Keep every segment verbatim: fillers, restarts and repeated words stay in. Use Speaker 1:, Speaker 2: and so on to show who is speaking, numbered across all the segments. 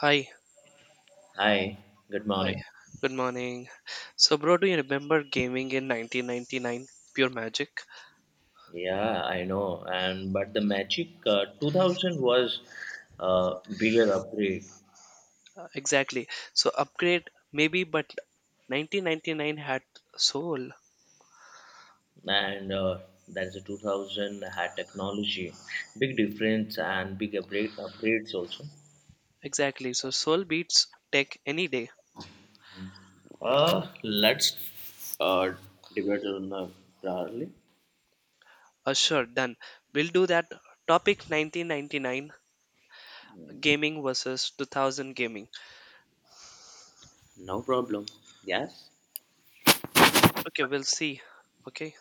Speaker 1: Hi,
Speaker 2: Hi, good
Speaker 1: hi.
Speaker 2: morning.
Speaker 1: Good morning. So, bro, do you remember gaming in nineteen ninety-nine? Pure magic.
Speaker 2: Yeah, I know. And but the Magic uh, two thousand was a bigger upgrade,
Speaker 1: Uh, exactly. So, upgrade maybe, but nineteen ninety-nine had soul.
Speaker 2: and uh, that's the two thousand had technology, big difference and big upgrade upgrades also.
Speaker 1: Exactly. So, soul beats tech any day.
Speaker 2: Uh, let's uh, debate on uh, broadly.
Speaker 1: Uh, sure, done. We'll do that. Topic nineteen ninety-nine gaming versus two thousand gaming.
Speaker 2: No problem. Yes.
Speaker 1: Okay, we'll see. Okay.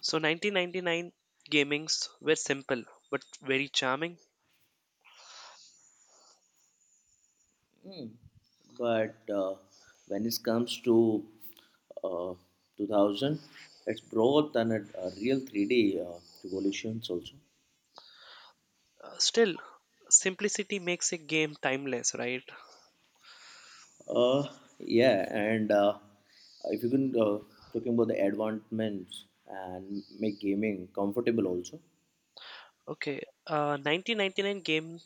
Speaker 1: So, nineteen ninety-nine gamings were simple but very charming.
Speaker 2: Hmm. But uh, when it comes to uh, two thousand, it's brought and a, a real three D uh, revolutions also.
Speaker 1: Uh, Still, simplicity makes a game timeless, right?
Speaker 2: Uh, yeah, and uh, if you can uh, talking about the advancements and make gaming comfortable also.
Speaker 1: Okay, uh, nineteen ninety-nine game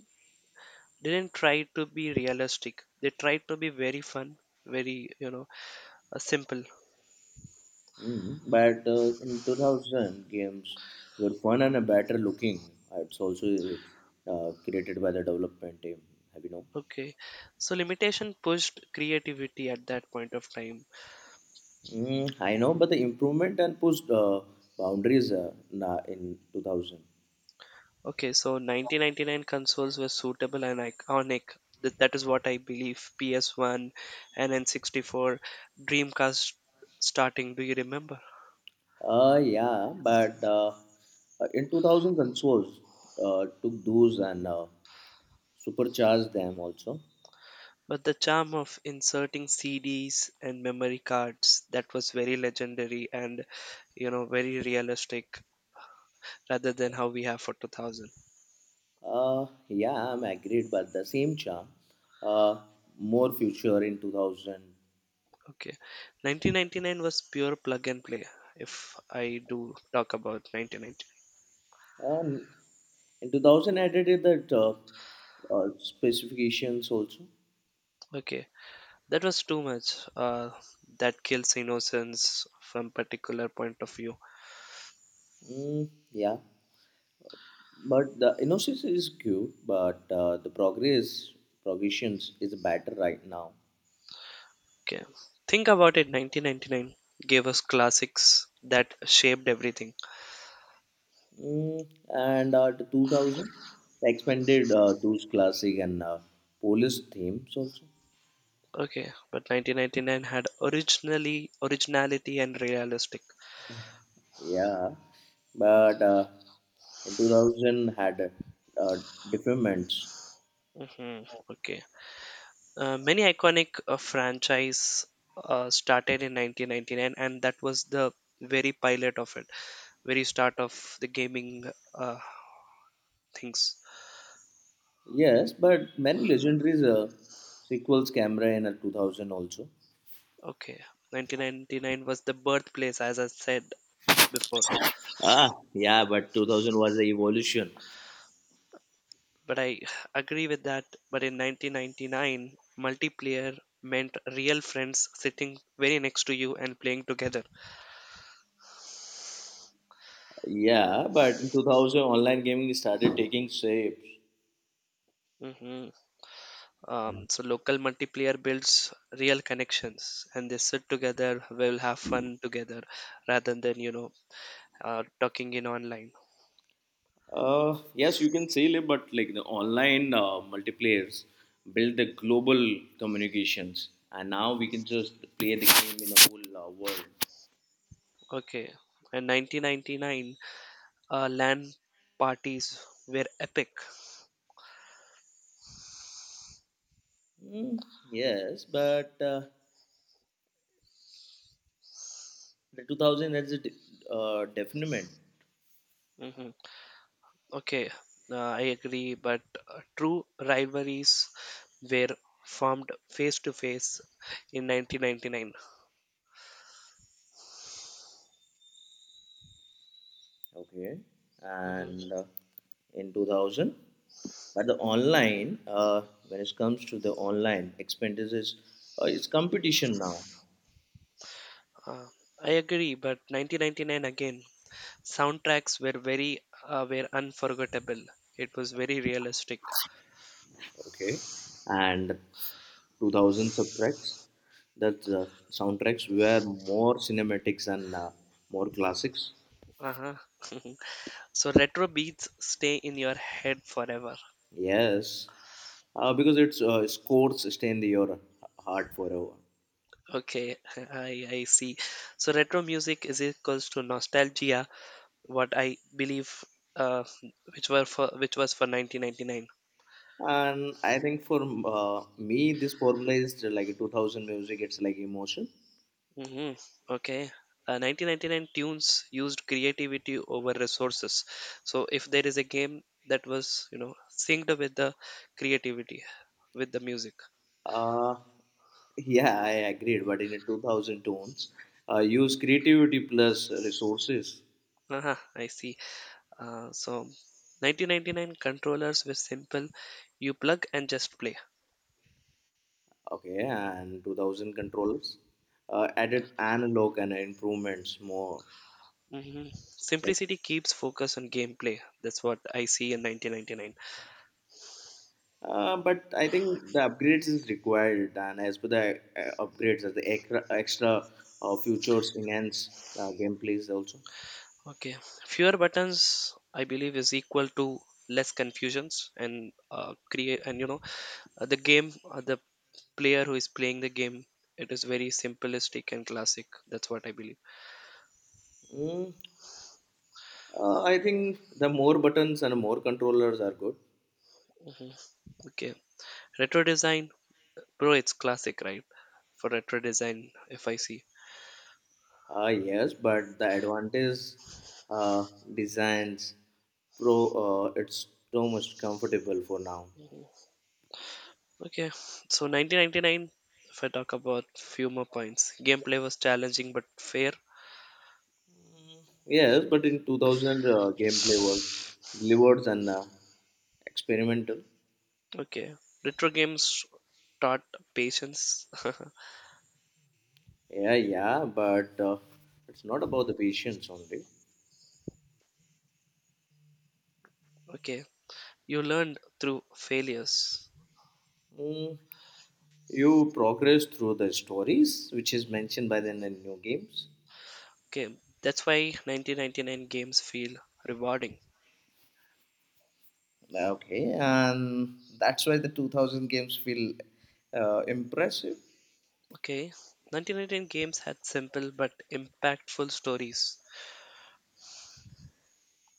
Speaker 1: didn't try to be realistic. They tried to be very fun, very, you know, uh, simple.
Speaker 2: Mm. But uh, in two thousand, games were fun and a better looking. It's also uh, created by the development team. Have you know?
Speaker 1: Okay, so limitation pushed creativity at that point of time.
Speaker 2: Mm, I know, but the improvement and pushed uh, boundaries uh, na- in two thousand.
Speaker 1: Okay, so nineteen ninety-nine consoles were suitable and iconic. Th- that is what I believe. P S one and N sixty-four, Dreamcast starting. Do you remember?
Speaker 2: Uh, yeah, but uh, uh, in two thousand consoles uh, took those and uh, supercharged them also.
Speaker 1: But the charm of inserting C Ds and memory cards, that was very legendary and, you know very realistic, rather than how we have for two thousand.
Speaker 2: Uh, yeah, I'm agreed, but the same charm, uh, more future in two thousand.
Speaker 1: Okay, nineteen ninety-nine was pure plug and play. If I do talk about nineteen ninety-nine,
Speaker 2: Um, in two thousand, I added that uh, uh, specifications also.
Speaker 1: okay, that was too much. Uh, that kills innocence from particular point of view.
Speaker 2: Mm, yeah. But the innocence is cute, but uh, the progress progressions is better right now.
Speaker 1: Okay, think about it. nineteen ninety-nine gave us classics that shaped everything.
Speaker 2: Mm, and uh, the two thousand they expanded uh, those classic and uh, Polish themes also.
Speaker 1: Okay, but nineteen ninety-nine had originally originality and realistic.
Speaker 2: Yeah, but uh, in two thousand had uh, deferments.
Speaker 1: Hmm. Okay. Uh, many iconic uh, franchise uh, started in nineteen ninety-nine, and that was the very pilot of it, very start of the gaming uh, things.
Speaker 2: Yes, but many legendaries uh, sequels camera in uh, two thousand also.
Speaker 1: Okay, nineteen ninety-nine was the birthplace, as I said before.
Speaker 2: Ah, yeah, but two thousand was the evolution.
Speaker 1: But I agree with that. But in nineteen ninety-nine, multiplayer meant real friends sitting very next to you and playing together.
Speaker 2: Yeah, but in two thousand, online gaming started taking shape.
Speaker 1: Mhm. Um, so local multiplayer builds real connections, and they sit together. We'll have fun together, rather than you know uh, talking in online.
Speaker 2: Uh, yes, you can say it, but like the online uh, multiplayers build the global communications, and now we can just play the game in the whole uh, world.
Speaker 1: Okay, in nineteen ninety-nine, uh, LAN parties were epic.
Speaker 2: Mm, yes, but uh, the two thousand is a de- uh, definite.
Speaker 1: Hmm. Okay, uh, I agree, but uh, true rivalries were formed face to face in nineteen ninety-nine.
Speaker 2: Okay,
Speaker 1: Hmm.
Speaker 2: and uh, in two thousand, but the online, uh, when it comes to the online expenses, uh, it's competition now.
Speaker 1: Uh, I agree, but nineteen ninety-nine again. Soundtracks were very, uh, were unforgettable. It was very realistic.
Speaker 2: Okay, and two thousand soundtracks that uh, soundtracks were more cinematics and uh, more classics.
Speaker 1: Uh-huh. So retro beats stay in your head forever.
Speaker 2: Yes, uh, because it's uh, scores stay in the- your heart forever.
Speaker 1: Okay, I I see. So retro music is equals to nostalgia. What I believe, uh, which were for which was for nineteen ninety-nine.
Speaker 2: And I think for uh, me this formula is like two thousand music. It's like emotion.
Speaker 1: Hmm. Okay. Uh, nineteen ninety-nine tunes used creativity over resources. So if there is a game that was, you know, synced with the creativity, with the music.
Speaker 2: uh, yeah, I agreed, but in a two thousand tones uh, use creativity plus resources.
Speaker 1: Ah, I see. Uh, so nineteen ninety-nine controllers were simple. You plug and just play.
Speaker 2: Okay, and two thousand controllers uh, added analog and improvements more.
Speaker 1: Hmm. Simplicity keeps focus on gameplay. That's what I see in nineteen ninety-nine.
Speaker 2: Uh, but I think the upgrades is required, and as per the uh, upgrades, as the extra, extra uh, features enhance uh, gameplays also.
Speaker 1: Okay. Fewer buttons, I believe, is equal to less confusions, and uh, create, and you know uh, the game, uh, the player who is playing the game, it is very simplistic and classic. That's what I believe.
Speaker 2: Mm, uh, I think the more buttons and more controllers are good.
Speaker 1: Okay, retro design, bro, it's classic, right? For retro design, if I see.
Speaker 2: Uh, yes, but the advantage uh, designs pro uh, it's too much comfortable for now.
Speaker 1: Okay, so nineteen ninety-nine, if I talk about few more points, gameplay was challenging but fair.
Speaker 2: Yes, but in two thousand, uh, gameplay was delivered and uh, experimental.
Speaker 1: Okay, retro games taught patience.
Speaker 2: Yeah, yeah, but uh, it's not about the patience only.
Speaker 1: Okay, you learned through failures.
Speaker 2: Mm, you progress through the stories, which is mentioned by the n- new games.
Speaker 1: Okay, that's why nineteen ninety-nine games feel rewarding.
Speaker 2: Okay, and that's why the two thousand games feel uh, impressive.
Speaker 1: Okay, nineteen ninety-nine games had simple but impactful stories.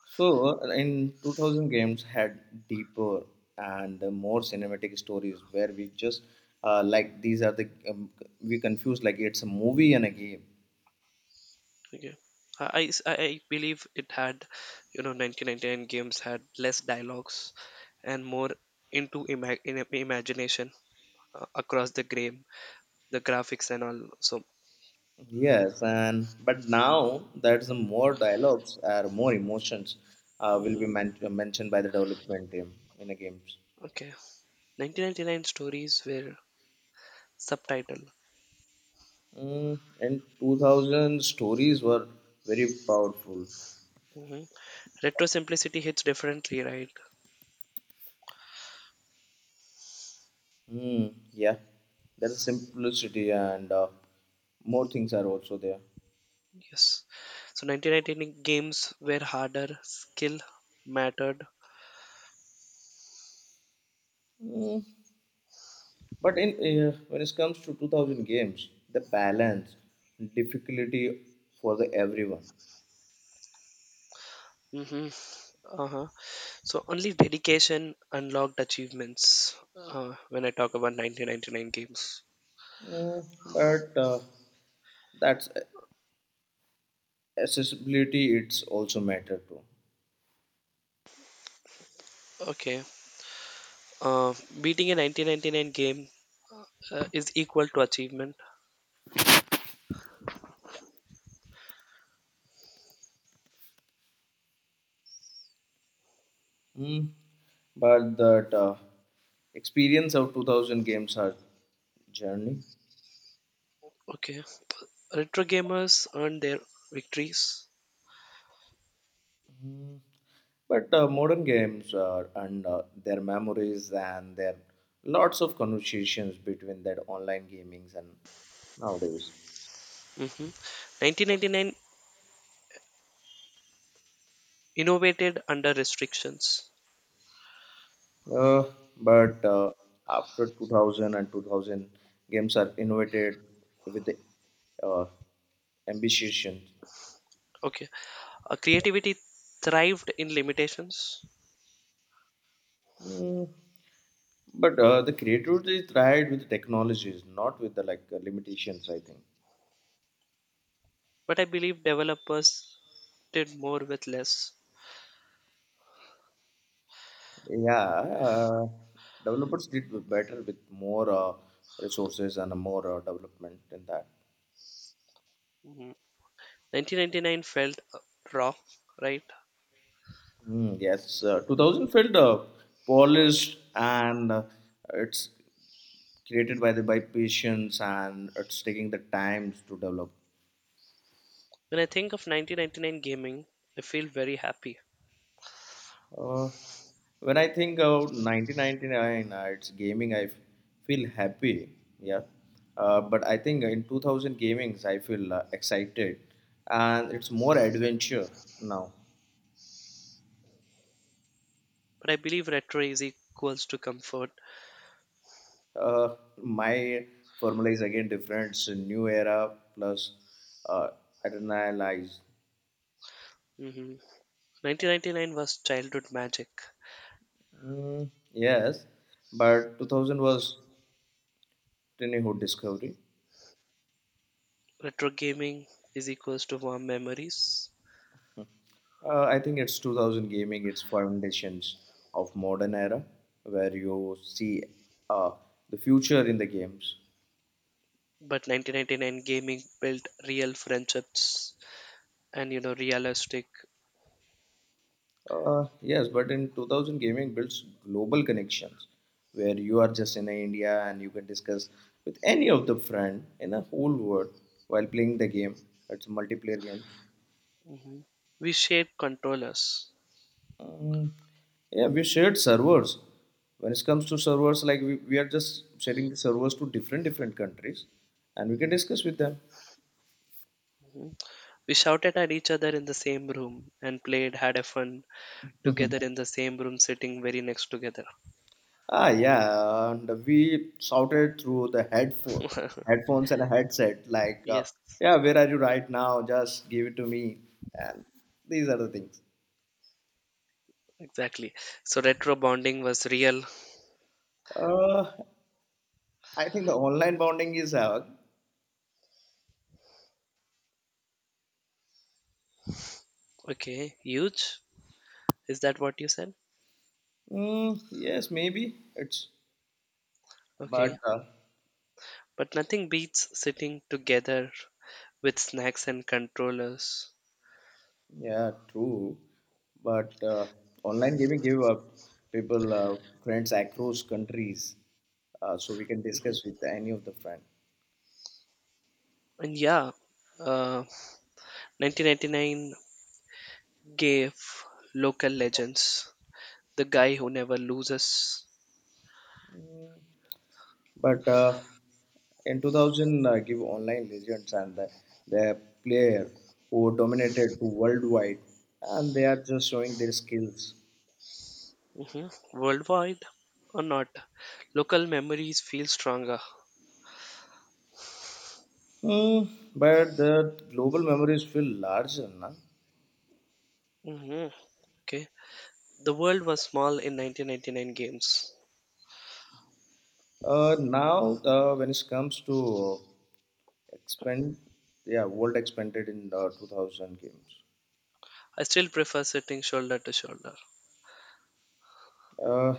Speaker 2: So, uh, in two thousand games had deeper and uh, more cinematic stories where we just uh, like these are the um, we confuse like it's a movie and a game.
Speaker 1: Okay. I, I, I believe it had, you know, nineteen ninety-nine games had less dialogues and more into ima- in, imagination uh, across the game, the graphics and all. So,
Speaker 2: Yes, and but now there's some more dialogues or more emotions uh, will be
Speaker 1: mhm.
Speaker 2: men- mentioned by the development team in the games.
Speaker 1: Okay. nineteen ninety-nine stories were subtitled.
Speaker 2: Mm, in two thousand, stories were very powerful.
Speaker 1: Hmm. Retro simplicity hits differently, right?
Speaker 2: Mm, yeah, there is simplicity and uh, more things are also there.
Speaker 1: Yes. So nineteen ninety-nine games were harder, skill mattered.
Speaker 2: Mm, but in uh, when it comes to two thousand games, the balance, difficulty for the everyone.
Speaker 1: Hmm. Uh-huh. So only dedication unlocked achievements uh, when I talk about nineteen ninety-nine games.
Speaker 2: Mm, but uh, that's uh, accessibility. It's also matter too.
Speaker 1: Okay. Uh, beating a nineteen ninety-nine game uh, is equal to achievement.
Speaker 2: Mm, but that uh, experience of two thousand games are journey.
Speaker 1: Okay. Retro gamers earned their victories.
Speaker 2: But uh, modern games are, and uh, their memories and their lots of conversations between that online gamings and nowadays.
Speaker 1: Mhm. nineteen ninety-nine innovated under restrictions.
Speaker 2: Uh, but uh, after two thousand and two thousand games are innovated with the uh, ambition.
Speaker 1: Okay, uh, creativity thrived in limitations,
Speaker 2: Mm, but uh, the creativity is tried with technologies, not with the like uh, limitations. I think.
Speaker 1: but I believe developers did more with less.
Speaker 2: Yeah, uh, developers did better with more uh, resources and more uh, development in that.
Speaker 1: Mhm. nineteen ninety-nine felt uh, raw, right?
Speaker 2: Mm, yes, uh, two thousand felt uh, polished and uh, it's created by the by patience and it's taking the times to develop.
Speaker 1: When I think of nineteen ninety-nine gaming, I feel very happy.
Speaker 2: Uh, when I think about nineteen ninety-nine, uh, it's gaming. I f- feel happy, yeah. Uh, but I think in two thousand gamings, I feel uh, excited, and it's more adventure now.
Speaker 1: But I believe retro is equals to comfort.
Speaker 2: Uh, my formula is again different. It's a new era plus uh, adrenalized.
Speaker 1: Mhm. nineteen ninety-nine was childhood magic.
Speaker 2: Mm, yes, but two thousand was tiny hood discovery.
Speaker 1: Retro gaming is equals to warm memories.
Speaker 2: Uh, I think it's two thousand gaming, it's foundations of modern era where you see uh, the future in the games.
Speaker 1: But nineteen ninety-nine gaming built real friendships and, you know realistic.
Speaker 2: Uh, yes, but in two thousand gaming builds global connections where you are just in India and you can discuss with any of the friend in the whole world while playing the game. It's a multiplayer game.
Speaker 1: Mhm. We shared controllers.
Speaker 2: Um, yeah, we shared servers. When it comes to servers, like we, we are just sharing the servers to different different countries, and we can discuss with them.
Speaker 1: Mhm. We shouted at each other in the same room and played, had a fun together in the same room, sitting very next together.
Speaker 2: Ah, yeah, and we shouted through the headphone, headphones and a headset, like, uh,
Speaker 1: Yes,
Speaker 2: "Yeah, where are you right now? Just give it to me." And these are the things.
Speaker 1: exactly, so retro bonding was real.
Speaker 2: Uh, I think the online bonding is uh,
Speaker 1: Okay, huge, is that what you said?
Speaker 2: mm, yes, maybe it's, but
Speaker 1: Okay,
Speaker 2: uh,
Speaker 1: but nothing beats sitting together with snacks and controllers.
Speaker 2: yeah, true. But uh, online gaming give uh, people uh, friends across countries, uh, so we can
Speaker 1: Mhm.
Speaker 2: discuss with any of the friend.
Speaker 1: And yeah, uh nineteen ninety-nine gave local legends, the guy who never loses.
Speaker 2: But uh, in two thousand, uh, give online legends and the, the player who dominated to worldwide, and they are just showing their skills.
Speaker 1: Mhm. Worldwide or not, local memories feel stronger.
Speaker 2: Hmm, but the global memories feel larger now.
Speaker 1: Hmm. Okay. The world was small in nineteen ninety-nine games.
Speaker 2: Uh, now, uh, when it comes to expand, yeah, world expanded in uh, two thousand games.
Speaker 1: I still prefer sitting shoulder to shoulder.
Speaker 2: Uh,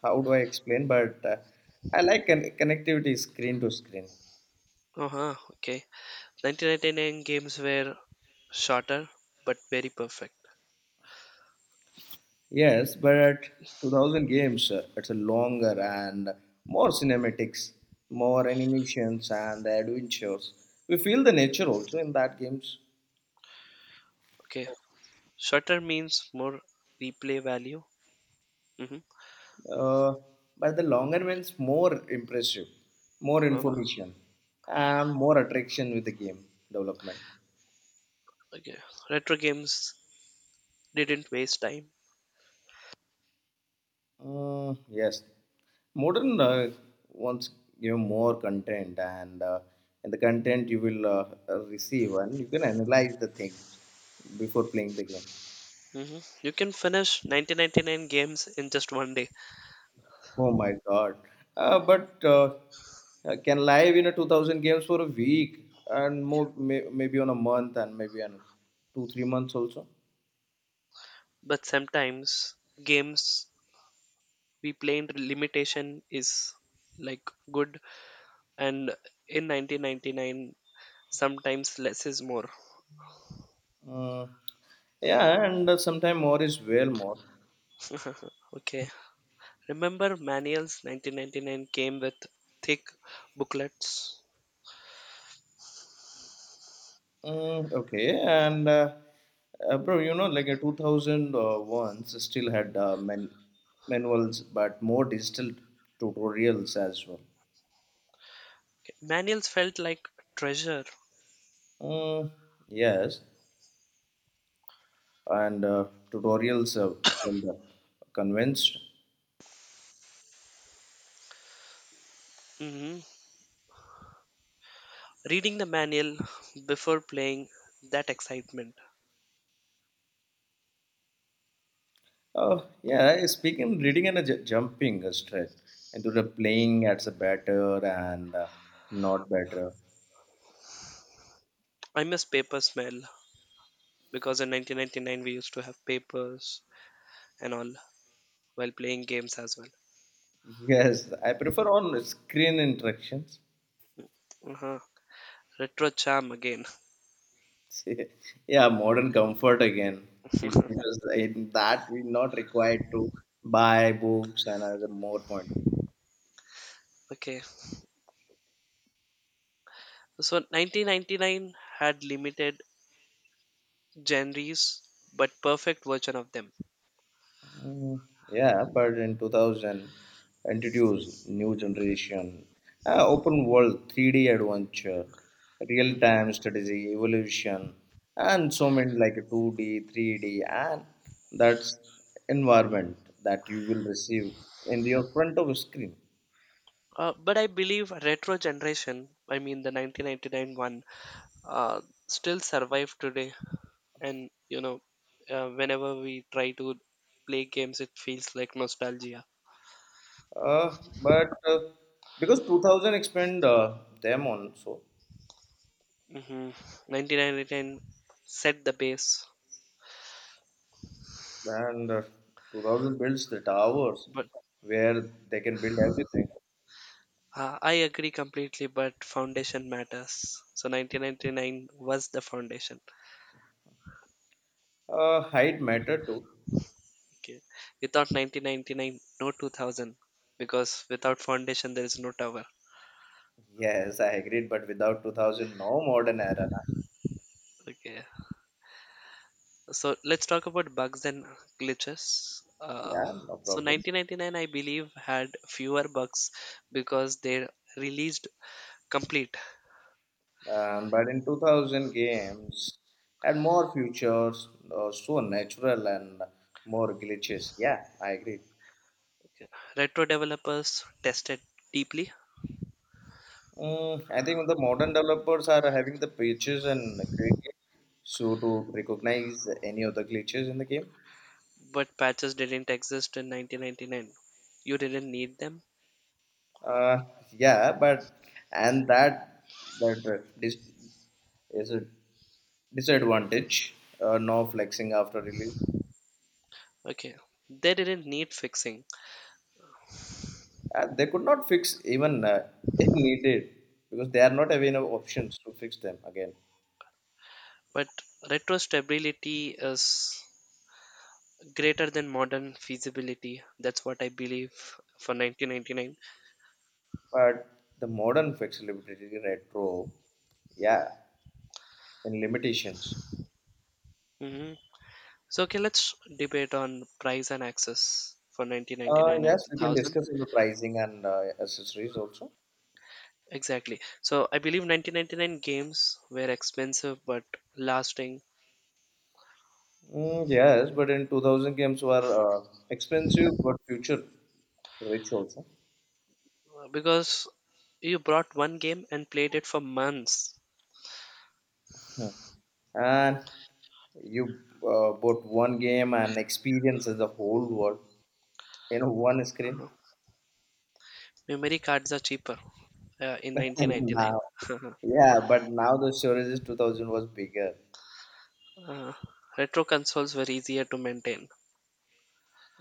Speaker 2: how do I explain? But uh, I like con- connectivity screen to screen.
Speaker 1: Uh huh. Okay. nineteen ninety-nine games were shorter but very perfect.
Speaker 2: Yes, but at two thousand games, uh, it's a longer and more cinematics, more animations and adventures. We feel the nature also in that games.
Speaker 1: Okay. Shorter means more replay value. Mm-hmm.
Speaker 2: Uh, but the longer ones more impressive, more
Speaker 1: Uh,
Speaker 2: information, and more attraction with the game development.
Speaker 1: okay. Retro games didn't waste time.
Speaker 2: Uh, yes, modern uh, wants give more content, and uh, in the content you will uh, uh, receive, and you can analyze the things before playing the game.
Speaker 1: Hmm. You can finish nineteen ninety-nine games in just one day,
Speaker 2: Oh my God. Uh, but uh, uh, can live in a two thousand games for a week and more, may, maybe on a month and maybe on two, three months also.
Speaker 1: but sometimes games we play in limitation is like good, and in nineteen ninety-nine sometimes less is more.
Speaker 2: Mm, yeah, and uh, sometime more is well more.
Speaker 1: Okay, remember manuals, nineteen ninety-nine came with thick booklets.
Speaker 2: Mm, okay, and uh, uh, bro, you know, like a two thousand ones still had uh, man manuals, but more digital tutorials as well.
Speaker 1: Manuals felt like treasure.
Speaker 2: Mm, yes, and uh, tutorials uh, till the convinced.
Speaker 1: Hmm. Reading the manual before playing, that excitement.
Speaker 2: Oh, yeah. Speaking, reading and uh, ju- jumping uh, straight into the playing as a batter and uh, not better.
Speaker 1: I miss paper smell, because in nineteen ninety-nine we used to have papers and all while playing games as well.
Speaker 2: Yes, I prefer on screen interactions.
Speaker 1: Uh-huh. Retro charm again.
Speaker 2: Yeah, modern comfort again. You- Because in that we're not required to buy books and other more point.
Speaker 1: Okay. So nineteen ninety-nine had limited genres but perfect version of them.
Speaker 2: Mm, yeah, but in two thousand, introduced new generation, uh, open world, three D adventure,
Speaker 1: Mhm.
Speaker 2: real-time strategy, evolution, and so many like two D, three D, and that's environment that you will receive in your front of screen.
Speaker 1: Uh, but I believe retro generation, I mean the nineteen ninety-nine one, uh, still survive today. And, you know, uh, whenever we try to play games, it feels like nostalgia.
Speaker 2: Uh, but uh, because two thousand expand uh, them on so
Speaker 1: Mm-hmm. nineteen ninety-nine set the base,
Speaker 2: and uh, two thousand builds the towers
Speaker 1: but
Speaker 2: where they can build everything.
Speaker 1: Uh, I agree completely, but foundation matters. So nineteen ninety-nine was the foundation.
Speaker 2: Uh, height matter too.
Speaker 1: Okay. Without nineteen ninety-nine, no two thousand, because without foundation, there is no tower.
Speaker 2: Yes, I agreed, but without two thousand, no modern era. Na.
Speaker 1: Okay. So let's talk about bugs and glitches. Uh,
Speaker 2: Yeah, no
Speaker 1: so
Speaker 2: problem.
Speaker 1: nineteen ninety-nine, I believe, had fewer bugs because they released complete.
Speaker 2: Um, but in two thousand, games had more features, uh, so natural and more glitches. Yeah, I agree.
Speaker 1: Retro developers tested deeply,
Speaker 2: Mm, I think the modern developers are having the patches and creative so to recognize any of the glitches in the game.
Speaker 1: but patches didn't exist in nineteen ninety-nine. You didn't need them.
Speaker 2: Uh, yeah, but and that that uh, dis- is it disadvantage, uh, no flexing after release.
Speaker 1: Okay, they didn't need fixing,
Speaker 2: Uh, they could not fix even uh, if needed because they are not having enough options to fix them again.
Speaker 1: but retro stability is greater than modern feasibility. That's what I believe for nineteen ninety-nine.
Speaker 2: But the modern flexibility retro, yeah, in limitations.
Speaker 1: Hmm. So, okay, let's debate on price and access for
Speaker 2: Uh,
Speaker 1: nineteen ninety-nine and
Speaker 2: yes, we can
Speaker 1: two thousand.
Speaker 2: discuss on the pricing and uh, accessories also.
Speaker 1: Exactly. So, I believe nineteen ninety-nine games were expensive but lasting,
Speaker 2: Mm, yes, but in two thousand games were uh, expensive but future rich also.
Speaker 1: uh, because you brought one game and played it for months.
Speaker 2: And you uh, bought one game and experience is the whole world. you know one screen.
Speaker 1: Uh-huh. Memory cards are cheaper uh, in nineteen ninety-nine.
Speaker 2: Now, yeah, but now the storage is two thousand was bigger.
Speaker 1: Uh, retro consoles were easier to maintain.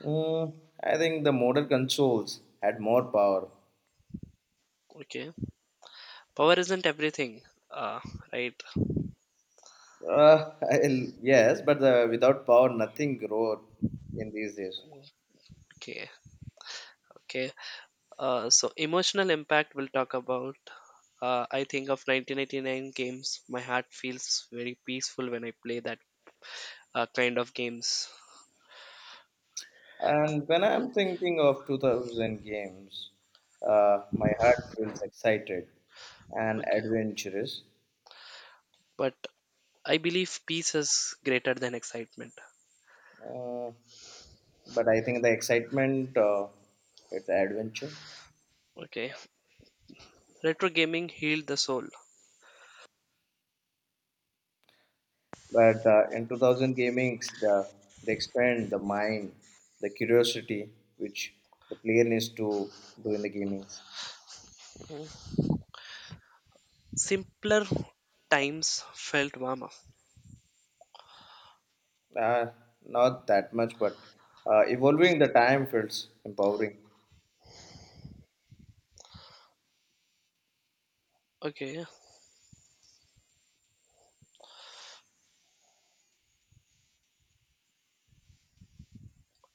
Speaker 2: Mm, I think the modern consoles had more power.
Speaker 1: Okay. Power isn't everything. Uh, right.
Speaker 2: uh, I'll- yes, but the, without power nothing growed in these days.
Speaker 1: Okay. Okay. Uh, so emotional impact we'll talk about. Uh, I think of nineteen eighty-nine games. My heart feels very peaceful when I play that uh, kind of games.
Speaker 2: And when I'm thinking of two thousand games, uh, my heart feels excited and
Speaker 1: Okay.
Speaker 2: adventurous.
Speaker 1: But I believe peace is greater than excitement.
Speaker 2: uh, but I think the excitement uh, it's adventure.
Speaker 1: Okay. Retro gaming healed the soul.
Speaker 2: But uh, in two thousand gamings, the, they expand the mind, the curiosity which the player needs to do in the gamings.
Speaker 1: Simpler times felt warmer.
Speaker 2: Uh, Not that much, but uh, evolving the time feels empowering.
Speaker 1: Okay.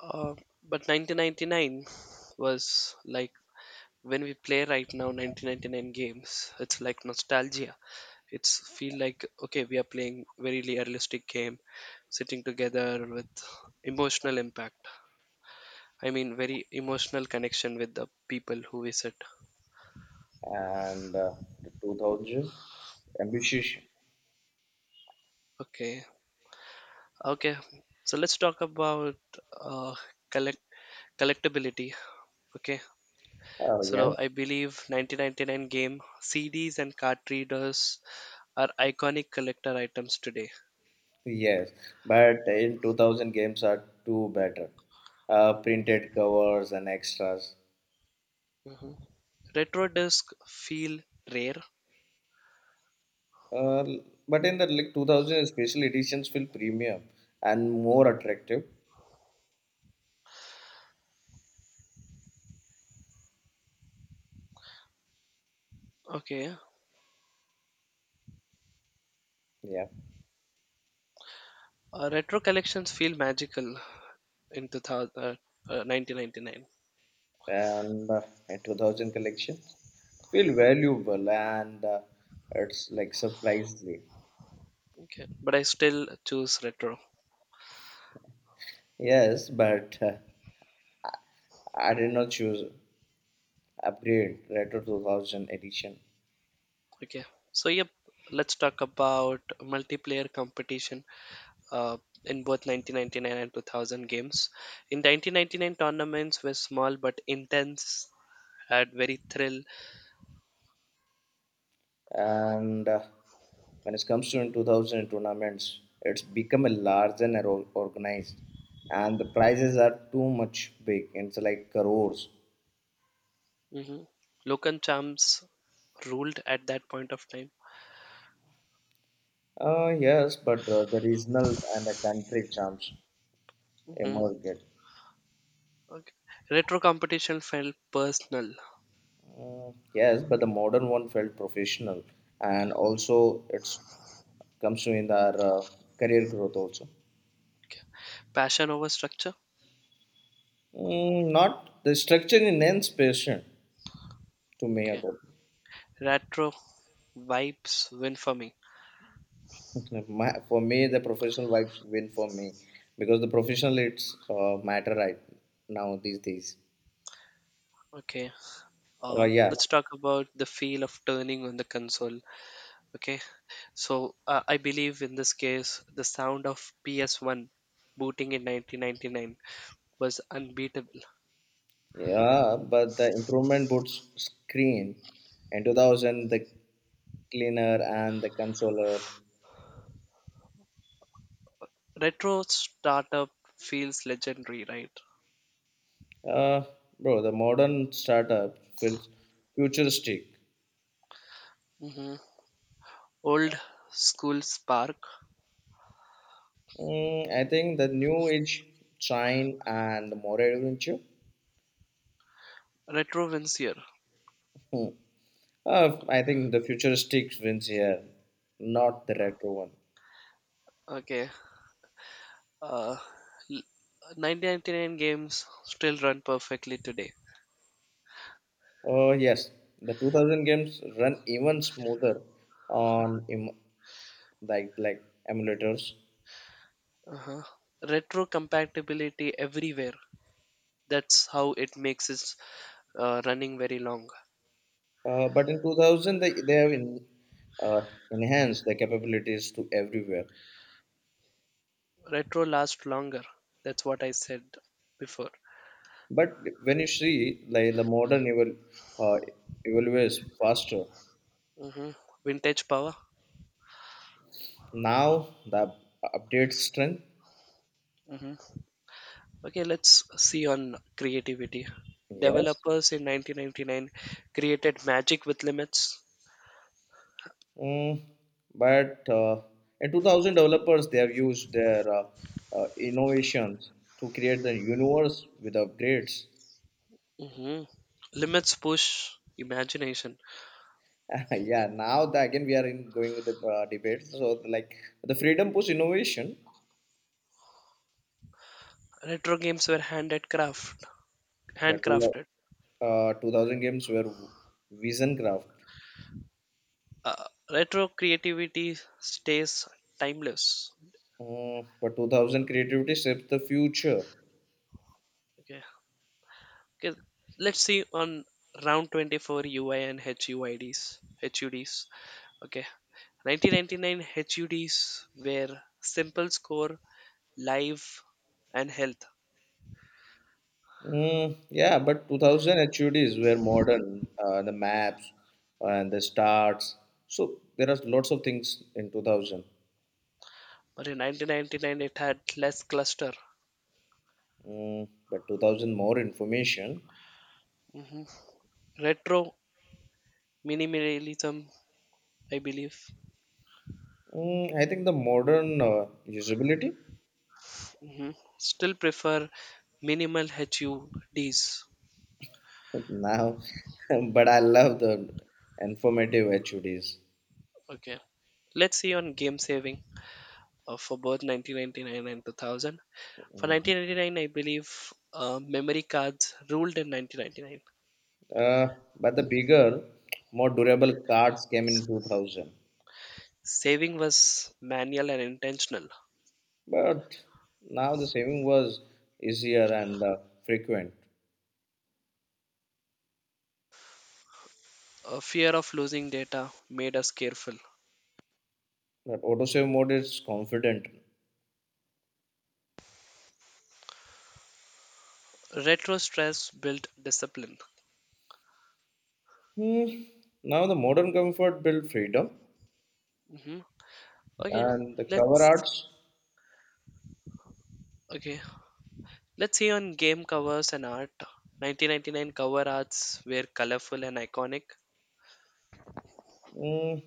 Speaker 1: Uh, but nineteen ninety-nine was like, when we play right now nineteen ninety-nine games, it's like nostalgia. It's feel like okay, we are playing very realistic game, sitting together with emotional impact. I mean, very emotional connection with the people who we sit.
Speaker 2: And uh, the two thousand ambitious.
Speaker 1: Okay, okay. So let's talk about uh, collect collectability. Okay.
Speaker 2: Oh
Speaker 1: So now
Speaker 2: yes,
Speaker 1: I believe nineteen ninety-nine game C Ds and card readers are iconic collector items today.
Speaker 2: yes. But in two thousand games are too better. Uh, printed covers and extras.
Speaker 1: Mhm. Retro discs feel rare.
Speaker 2: Uh, but in the like two thousand special editions feel premium and more attractive.
Speaker 1: Okay.
Speaker 2: Yeah,
Speaker 1: Uh, retro collections feel magical in two thousand, uh, uh, nineteen ninety-nine.
Speaker 2: and uh, in two thousand collections feel valuable and uh, it's like surprisingly.
Speaker 1: Okay. But I still choose retro.
Speaker 2: Yes, but uh, I did not choose upgrade retro two thousand edition.
Speaker 1: Okay. So, yep. Let's talk about multiplayer competition uh, in both nineteen ninety-nine and two thousand games. In nineteen ninety-nine, tournaments were small but intense, had very thrill.
Speaker 2: And uh, when it comes to in two thousand tournaments, it's become a large and or- organized, and the prizes are too much big. It's like crores.
Speaker 1: Mhm. Local champs ruled at that point of time.
Speaker 2: Uh, yes, but uh, the regionals and the country charms
Speaker 1: Mhm.
Speaker 2: emerged.
Speaker 1: Okay. Retro competition felt personal.
Speaker 2: Uh, yes, but the modern one felt professional, and also it's comes to in our uh, career growth also.
Speaker 1: Okay. Passion over structure.
Speaker 2: Mm, not the structure in ends patient to me
Speaker 1: Okay.
Speaker 2: ago.
Speaker 1: Retro vibes win for me.
Speaker 2: My, for me, the professional vibes win for me because the professional it's uh, matter right now these days.
Speaker 1: Okay.
Speaker 2: Uh,
Speaker 1: Um,
Speaker 2: yeah,
Speaker 1: let's talk about the feel of turning on the console. Okay. So uh, I believe, in this case, the sound of P S one booting in nineteen ninety-nine was unbeatable.
Speaker 2: yeah, but the improvement boots screen in two thousand the cleaner and the consoler.
Speaker 1: Retro startup feels legendary, right?
Speaker 2: Uh, bro, the modern startup feels futuristic.
Speaker 1: Mhm. Old School Spark,
Speaker 2: Mm, I think the new age shine and more adventure.
Speaker 1: Retro Vincier.
Speaker 2: Hmm. Uh, I think the futuristic wins here, not the retro one.
Speaker 1: Okay. Uh, l- nineteen ninety-nine games still run perfectly today.
Speaker 2: Oh yes, the two thousand games run even smoother on em- like like emulators.
Speaker 1: Uh-huh. Retro compatibility everywhere. That's how it makes it uh, running very long.
Speaker 2: Uh, but in two thousand, they, they have in, uh, enhanced the capabilities to everywhere.
Speaker 1: Retro lasts longer. That's what I said before.
Speaker 2: But when you see, like the modern evol- uh, evolves faster.
Speaker 1: Hmm. Vintage power.
Speaker 2: Now the update strength,
Speaker 1: Hmm. Okay, let's see on creativity.
Speaker 2: yes,
Speaker 1: Developers in nineteen ninety-nine created magic with limits.
Speaker 2: mm, but uh, in two thousand developers they have used their uh, uh, innovations to create the universe with upgrades.
Speaker 1: Hmm. Limits push imagination.
Speaker 2: Yeah, now the, again we are in going with the uh, debates. So like the freedom push innovation,
Speaker 1: Retro games were handcrafted,
Speaker 2: the two,
Speaker 1: handcrafted.
Speaker 2: uh, two thousand games were vision graph.
Speaker 1: Uh, retro creativity stays timeless.
Speaker 2: Mm, but two thousand creativity shaped the future.
Speaker 1: Okay. Okay. Let's see on round twenty-four, U I and H U I Ds. H U Ds. Okay. nineteen ninety-nine H U Ds were simple score, live, and health.
Speaker 2: Mm, yeah, but two thousand HUDs were modern, uh, the maps and the stars. So there are lots of things in two thousand.
Speaker 1: But in nineteen ninety-nine, it had less cluster.
Speaker 2: Mm, but two thousand more information.
Speaker 1: Retro minimalism, I believe.
Speaker 2: Mm, I think the modern uh, usability.
Speaker 1: Mhm. Still prefer minimal H U Ds.
Speaker 2: Now, but I love the informative HUDs.
Speaker 1: Okay. Let's see on game saving uh, for both nineteen ninety-nine and two thousand. For nineteen ninety-nine, I believe uh, memory cards ruled in nineteen ninety-nine.
Speaker 2: Uh, but the bigger, more durable cards came in two thousand.
Speaker 1: Saving was manual and intentional.
Speaker 2: But now the saving was easier and uh, frequent.
Speaker 1: A fear of losing data made us careful.
Speaker 2: But auto save mode is confident.
Speaker 1: Retro stress built discipline.
Speaker 2: Hmm. Now the modern comfort built freedom
Speaker 1: Hmm. Okay,
Speaker 2: and the cover
Speaker 1: let's
Speaker 2: arts.
Speaker 1: okay. Let's see on game covers and art. nineteen ninety-nine cover arts were colorful and iconic.
Speaker 2: Hmm.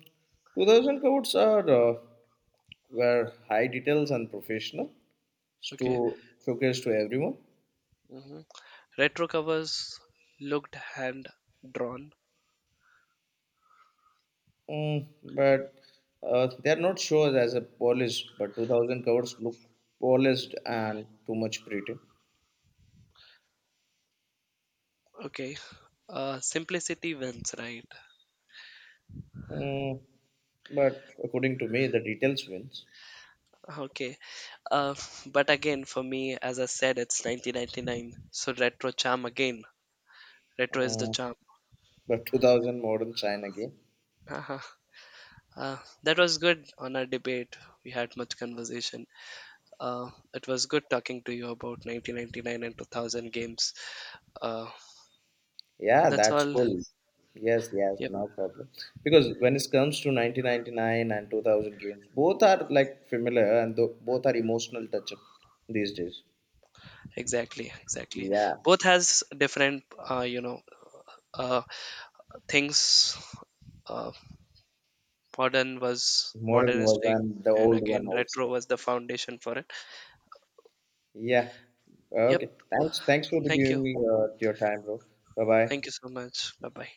Speaker 2: two thousand covers are uh, were high details and professional
Speaker 1: Okay.
Speaker 2: to showcase to everyone.
Speaker 1: Hmm. Retro covers looked hand drawn.
Speaker 2: Mm, but uh, they are not shown as a polished, but two thousand covers look polished and too much pretty.
Speaker 1: Okay. Uh, simplicity wins, right?
Speaker 2: Mm, but according to me, the details wins.
Speaker 1: Okay. Uh, but again, for me, as I said, it's nineteen ninety-nine. So retro charm again. Retro is the
Speaker 2: Uh,
Speaker 1: charm.
Speaker 2: but two thousand modern China game.
Speaker 1: Uh-huh. Uh, that was good on our debate. We had much conversation. Uh, it was good talking to you about nineteen ninety-nine and two thousand games. Uh,
Speaker 2: Yeah,
Speaker 1: that's
Speaker 2: that's
Speaker 1: all.
Speaker 2: cool. Yes, yes,
Speaker 1: Yep,
Speaker 2: no problem. Because when it comes to nineteen ninety-nine and two thousand games, both are like familiar and tho- both are emotional touch up these days.
Speaker 1: exactly, exactly.
Speaker 2: Yeah,
Speaker 1: Both has different, uh, you know, uh, things, uh, modern was
Speaker 2: modern was
Speaker 1: modernistic,
Speaker 2: and the
Speaker 1: and
Speaker 2: old one
Speaker 1: again retro
Speaker 2: also.
Speaker 1: was the foundation for it.
Speaker 2: Yeah.
Speaker 1: Yep,
Speaker 2: Okay. Thanks. Thanks for the
Speaker 1: thank you,
Speaker 2: giving me uh, your time, bro. Bye bye.
Speaker 1: thank you so much. Bye bye.